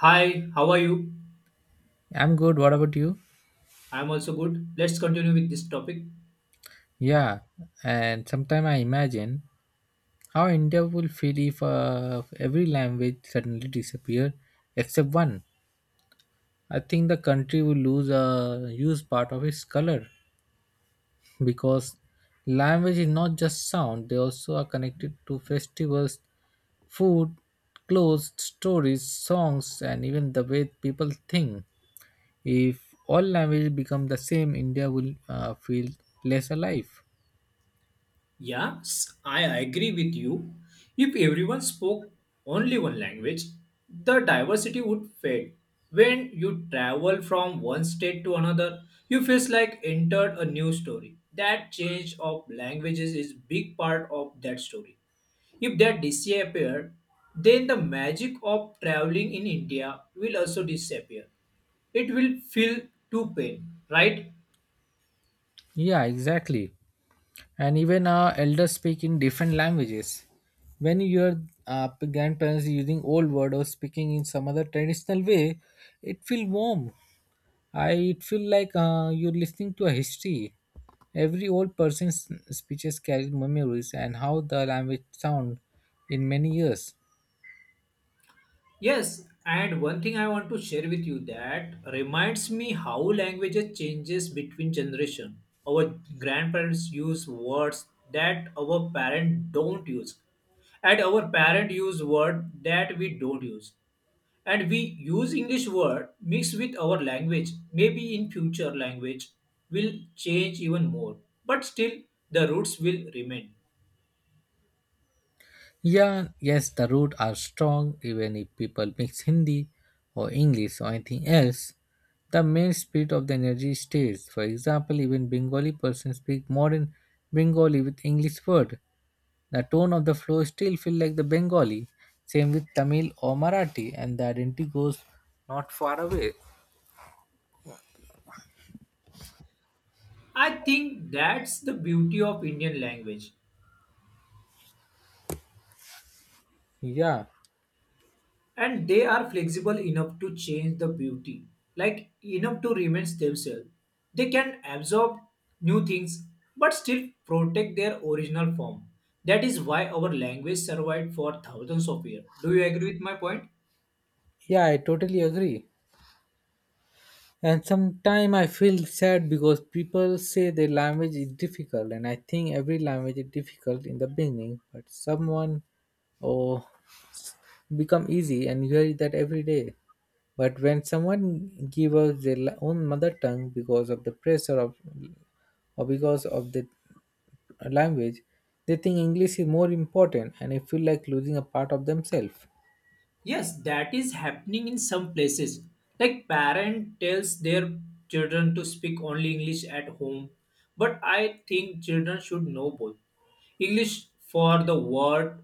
Hi, how are you? I'm good. What about you? I'm also good. Let's continue with this topic. Yeah, and sometimes I imagine how India will feel if every language suddenly disappeared except one. I think the country will lose a huge part of its color because language is not just sound; they also are connected to festivals, food, clothes, stories, songs, and even the way people think. If all languages become the same, India will feel less alive. Yes, I agree with you. If everyone spoke only one language, the diversity would fade. When you travel from one state to another, you feel like entered a new story. That change of languages is big part of that story. If that disappeared, then the magic of traveling in India will also disappear. It will feel too pain, right? Yeah, exactly. And even our elders speak in different languages. When your grandparents using old word or speaking in some other traditional way, it feel warm. I It feel like you're listening to a history. Every old person's speeches carry memories and how the language sound in many years. Yes, and one thing I want to share with you that reminds me how languages changes between generation. Our grandparents use words that our parents don't use, and our parents use word that we don't use, and we use English word mixed with our language. Maybe in future language will change even more, but still the roots will remain. Yeah, yes, the roots are strong even if people mix Hindi or English or anything else. The main spirit of the energy stays. For example, even Bengali person speak modern Bengali with English word. The tone of the flow still feel like the Bengali. Same with Tamil or Marathi, and the identity goes not far away. I think that's the beauty of Indian language, Yeah, and they are flexible enough to change the beauty, like enough to remain themselves. They can absorb new things but still protect their original form. That is why our language survived for thousands of years. Do you agree with my point? yeah, I totally agree. And sometimes I feel sad because people say their language is difficult, and I think every language is difficult in the beginning, but someone oh become easy, and you hear that every day. But when someone give up their own mother tongue because of the pressure of or because of the language, they think English is more important, and I feel like losing a part of themselves. Yes, that is happening in some places. Like parent tells their children to speak only English at home, but I think children should know both. English for the word,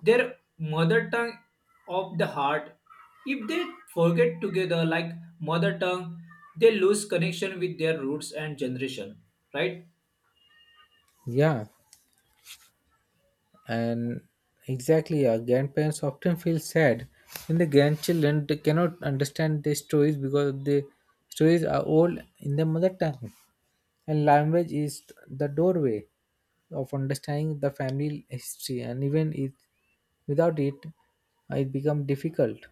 their mother tongue of the heart. If they forget together like mother tongue, they lose connection with their roots and generation, right? Yeah, and exactly our grandparents often feel sad when the grandchildren they cannot understand the stories because the stories are old in their mother tongue, and language is the doorway of understanding the family history, and even it without it it becomes difficult.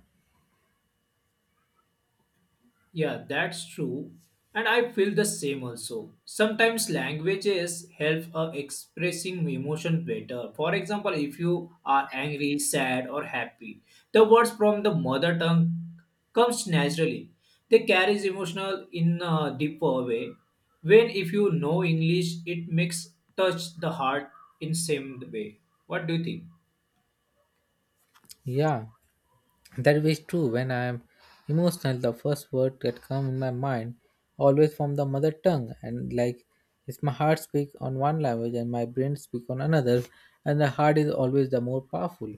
Yeah, that's true. And I feel the same also. Sometimes languages help expressing emotion better. For example, if you are angry, sad, or happy, the words from the mother tongue comes naturally. They carries emotional in a deeper way. When if you know English, it makes touch the heart in same way. What do you think? Yeah, that is true. When I am emotional, the first word that come in my mind always from the mother tongue, and like it's my heart speak on one language and my brain speak on another, and the heart is always the more powerful.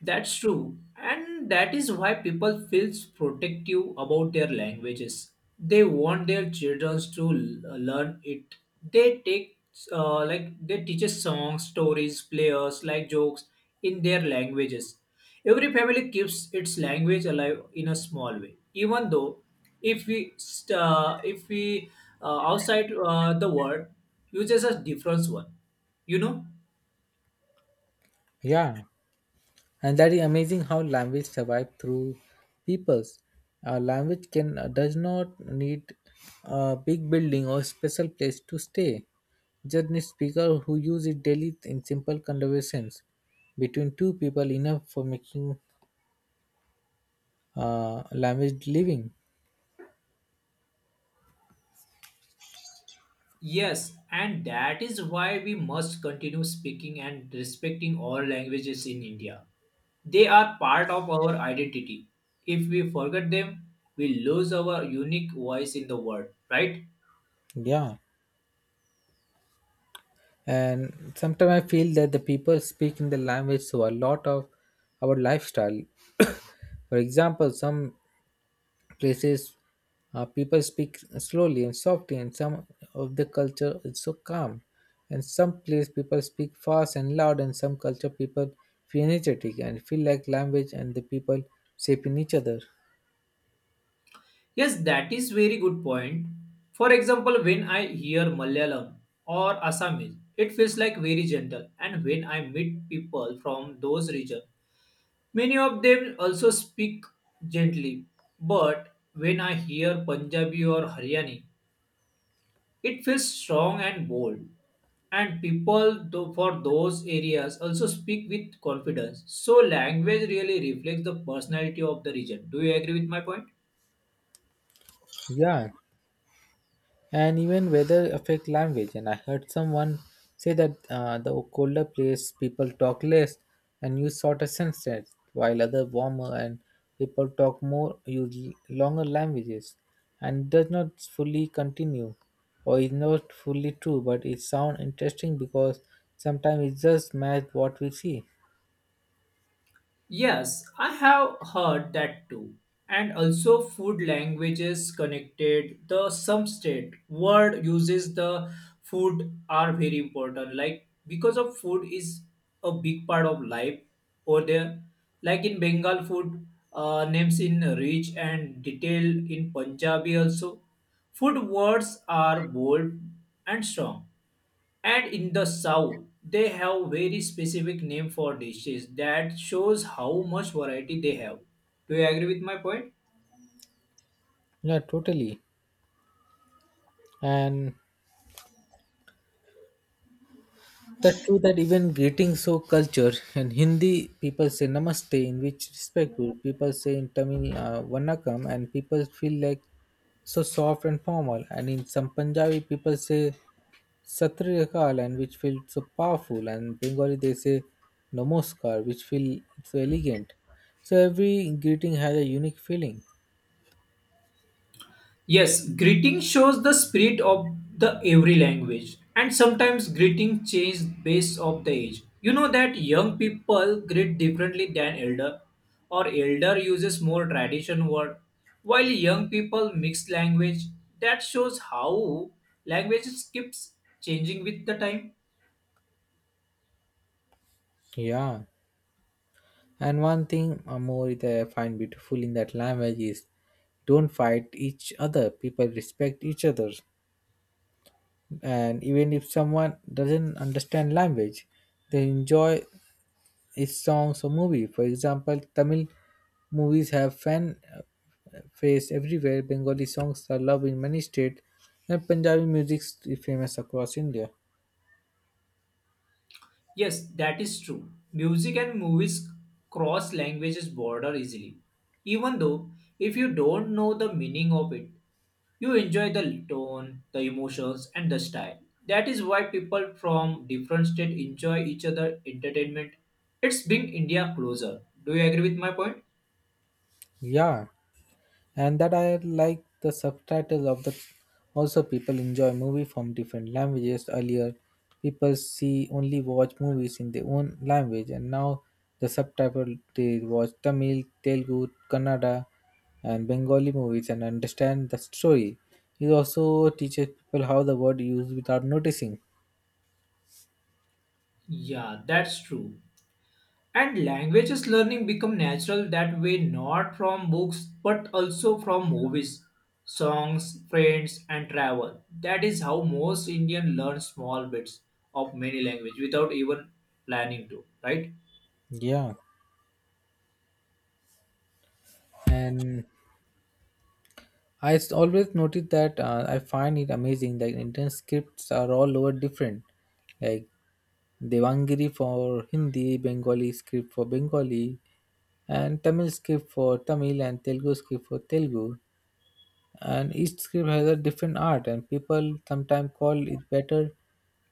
That's true. And that is why people feel protective about their languages. They want their children to learn it. They take like they teach us songs, stories, players, like jokes in their languages. Every family keeps its language alive in a small way. Even though if we if we outside the world uses a different one, you know. Yeah, and that is amazing how language survive through peoples. Our language can does not need a big building or special place to stay. Just need speaker who use it daily in simple conversations between two people enough for making language living. Yes, and that is why we must continue speaking and respecting all languages in India. They are part of our identity. If we forget them, we lose our unique voice in the world, right? Yeah, and sometimes I feel that the people speak in the language so a lot of our lifestyle. For example, some places people speak slowly and softly, and some of the culture is so calm. And some place people speak fast and loud, and some culture people feel energetic and feel like language and the people shaping each other. Yes, that is very good point. For example, when I hear Malayalam or Assamese, it feels like very gentle, and when I meet people from those regions, many of them also speak gently, but when I hear Punjabi or Haryani, it feels strong and bold. And people for those areas also speak with confidence. So, language really reflects the personality of the region. Do you agree with my point? Yeah, and even weather affect language, and I heard someone say that the colder place people talk less and use shorter sentences while other warmer and people talk more use longer languages and does not fully continue or is not fully true, but it sounds interesting because sometimes it just match what we see. Yes, I have heard that too. And also food language is connected. The some state word uses the food are very important. Like because of food is a big part of life over there. Like in Bengal food names in rich and detailed in Punjabi also. Food words are bold and strong. And in the south, they have very specific name for dishes that shows how much variety they have. Do you agree with my point? Yeah, totally. And that true that even greeting so culture in Hindi people say namaste in which respectful people say in Tamil vannakam, and people feel like so soft and formal, and in some Punjabi people say satrikal and which feel so powerful, and Bengali they say namaskar which feel so elegant, so every greeting has a unique feeling. Yes, greeting shows the spirit of the every language. And sometimes greeting change based of the age. You know that young people greet differently than elder, or elder uses more tradition word while young people mix language. That shows how language keeps changing with the time. Yeah, and one thing more that I find beautiful in that language is don't fight each other. People respect each other. And even if someone doesn't understand language, they enjoy its songs or movie. For example, Tamil movies have fan face everywhere. Bengali songs are loved in many states. And Punjabi music is famous across India. Yes, that is true. Music and movies cross languages border easily. Even though if you don't know the meaning of it, you enjoy the tone, the emotions and the style. That is why people from different states enjoy each other entertainment. It's bring India closer. Do you agree with my point? Yeah, and that I like the subtitles of the also people enjoy movie from different languages. Earlier people see only watch movies in their own language, and now the subtitle they watch Tamil, Telugu, Kannada and Bengali movies and understand the story. It also teaches people how the word used without noticing. Yeah, that's true. And languages learning become natural that way, not from books but also from movies, songs, friends and travel. That is how most Indian learn small bits of many language without even planning to, right? Yeah, and always noticed that I find it amazing that Indian scripts are all over different. Like Devangiri for Hindi, Bengali script for Bengali, and Tamil script for Tamil, and Telugu script for Telugu. And each script has a different art, and people sometimes call it better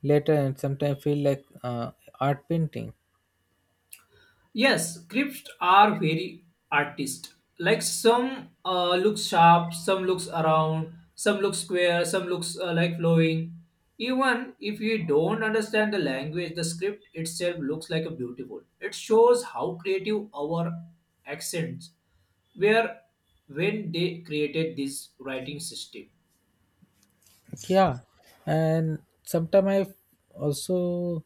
later, and sometimes feel like art painting. Yes, scripts are very artist. Like some looks sharp, some looks around, some looks square, some looks like flowing. Even if you don't understand the language, the script itself looks like a beautiful. It shows how creative our accents were when they created this writing system. Yeah, and sometimes I also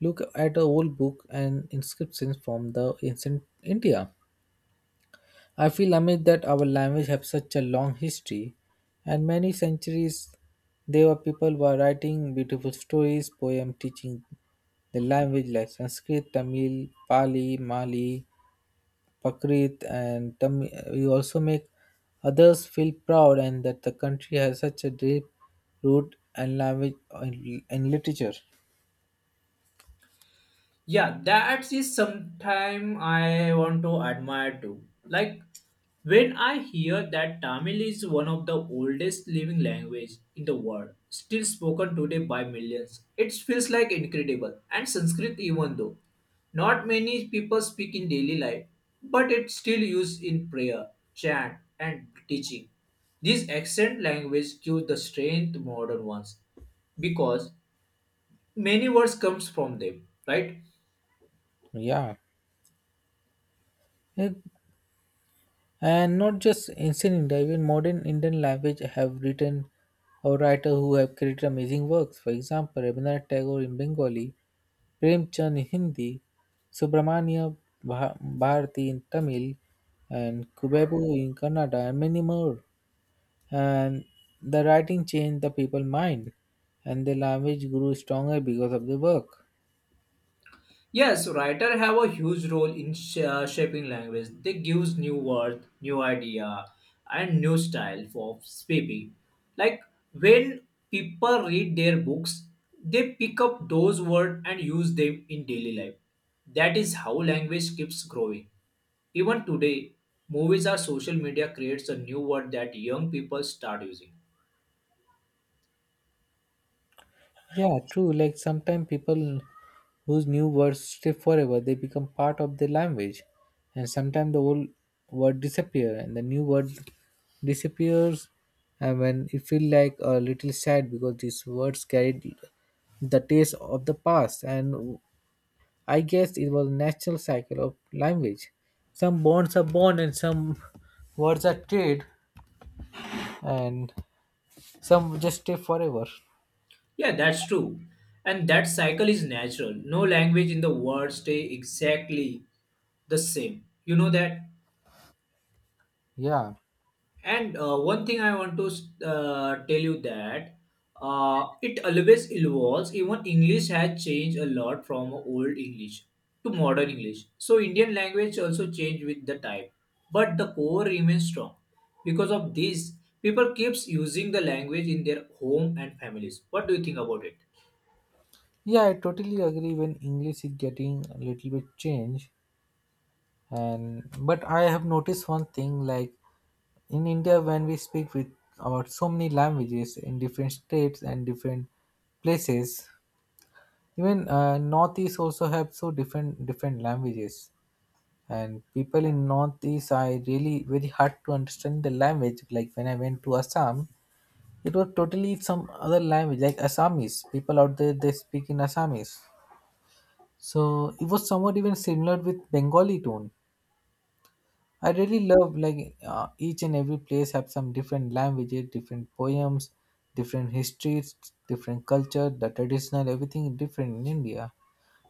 look at a old book and inscriptions from the ancient India. I feel amazed that our language has such a long history, and many centuries there were people were writing beautiful stories, poems, teaching the language like Sanskrit, Tamil, Pali, Mali, Prakrit, and Tamil. We also make others feel proud and that the country has such a deep root and language and literature. Yeah, that is sometime I want to admire too. Like when I hear that Tamil is one of the oldest living language in the world, still spoken today by millions. It feels like incredible. And Sanskrit, even though not many people speak in daily life, but it's still used in prayer, chant and teaching. This accent language gives the strength to modern ones because many words comes from them, right? Yeah. It- And not just ancient India, even modern Indian language have written or writer who have created amazing works. For example, Rabindranath Tagore in Bengali, Prem Chand in Hindi, Subramanya Bharati in Tamil, and Kubebu in Kannada, and many more. And the writing changed the people's mind, and the language grew stronger because of the work. Yes, writer have a huge role in shaping language. They gives new word, new idea, and new style for speaking. Like when people read their books, they pick up those words and use them in daily life. That is how language keeps growing. Even today, movies or social media creates a new word that young people start using. Yeah, true. Like sometimes people whose new words stay forever, they become part of the language. And sometimes the old word disappear and the new word disappears, and when it feel like a little sad because these words carried the taste of the past, and I guess it was a natural cycle of language. Some bonds are born and some words are trade, and some just stay forever. Yeah, that's true. And that cycle is natural. No language in the world stay exactly the same. You know that? Yeah. And one thing I want to tell you that it always evolves. Even English has changed a lot from old English to modern English. So Indian language also changed with the time. But the core remains strong. Because of this, people keeps using the language in their home and families. What do you think about it? Yeah, I totally agree when English is getting a little bit change and but I have noticed one thing like in India when we speak with about so many languages in different states and different places, even northeast also have so different different languages, and people in northeast are really very hard to understand the language, like when I went to Assam it was totally some other language, like Assamese people out there they speak in Assamese. So it was somewhat even similar with Bengali tone. I really love like each and every place have some different languages, different poems, different histories, different culture, the traditional, everything different in India.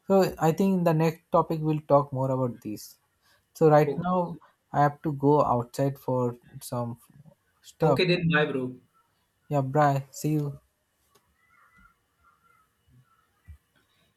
So I think in the next topic we'll talk more about this. So right Okay, now I have to go outside for some stuff. okay then bye bro. Yeah, bye. See you.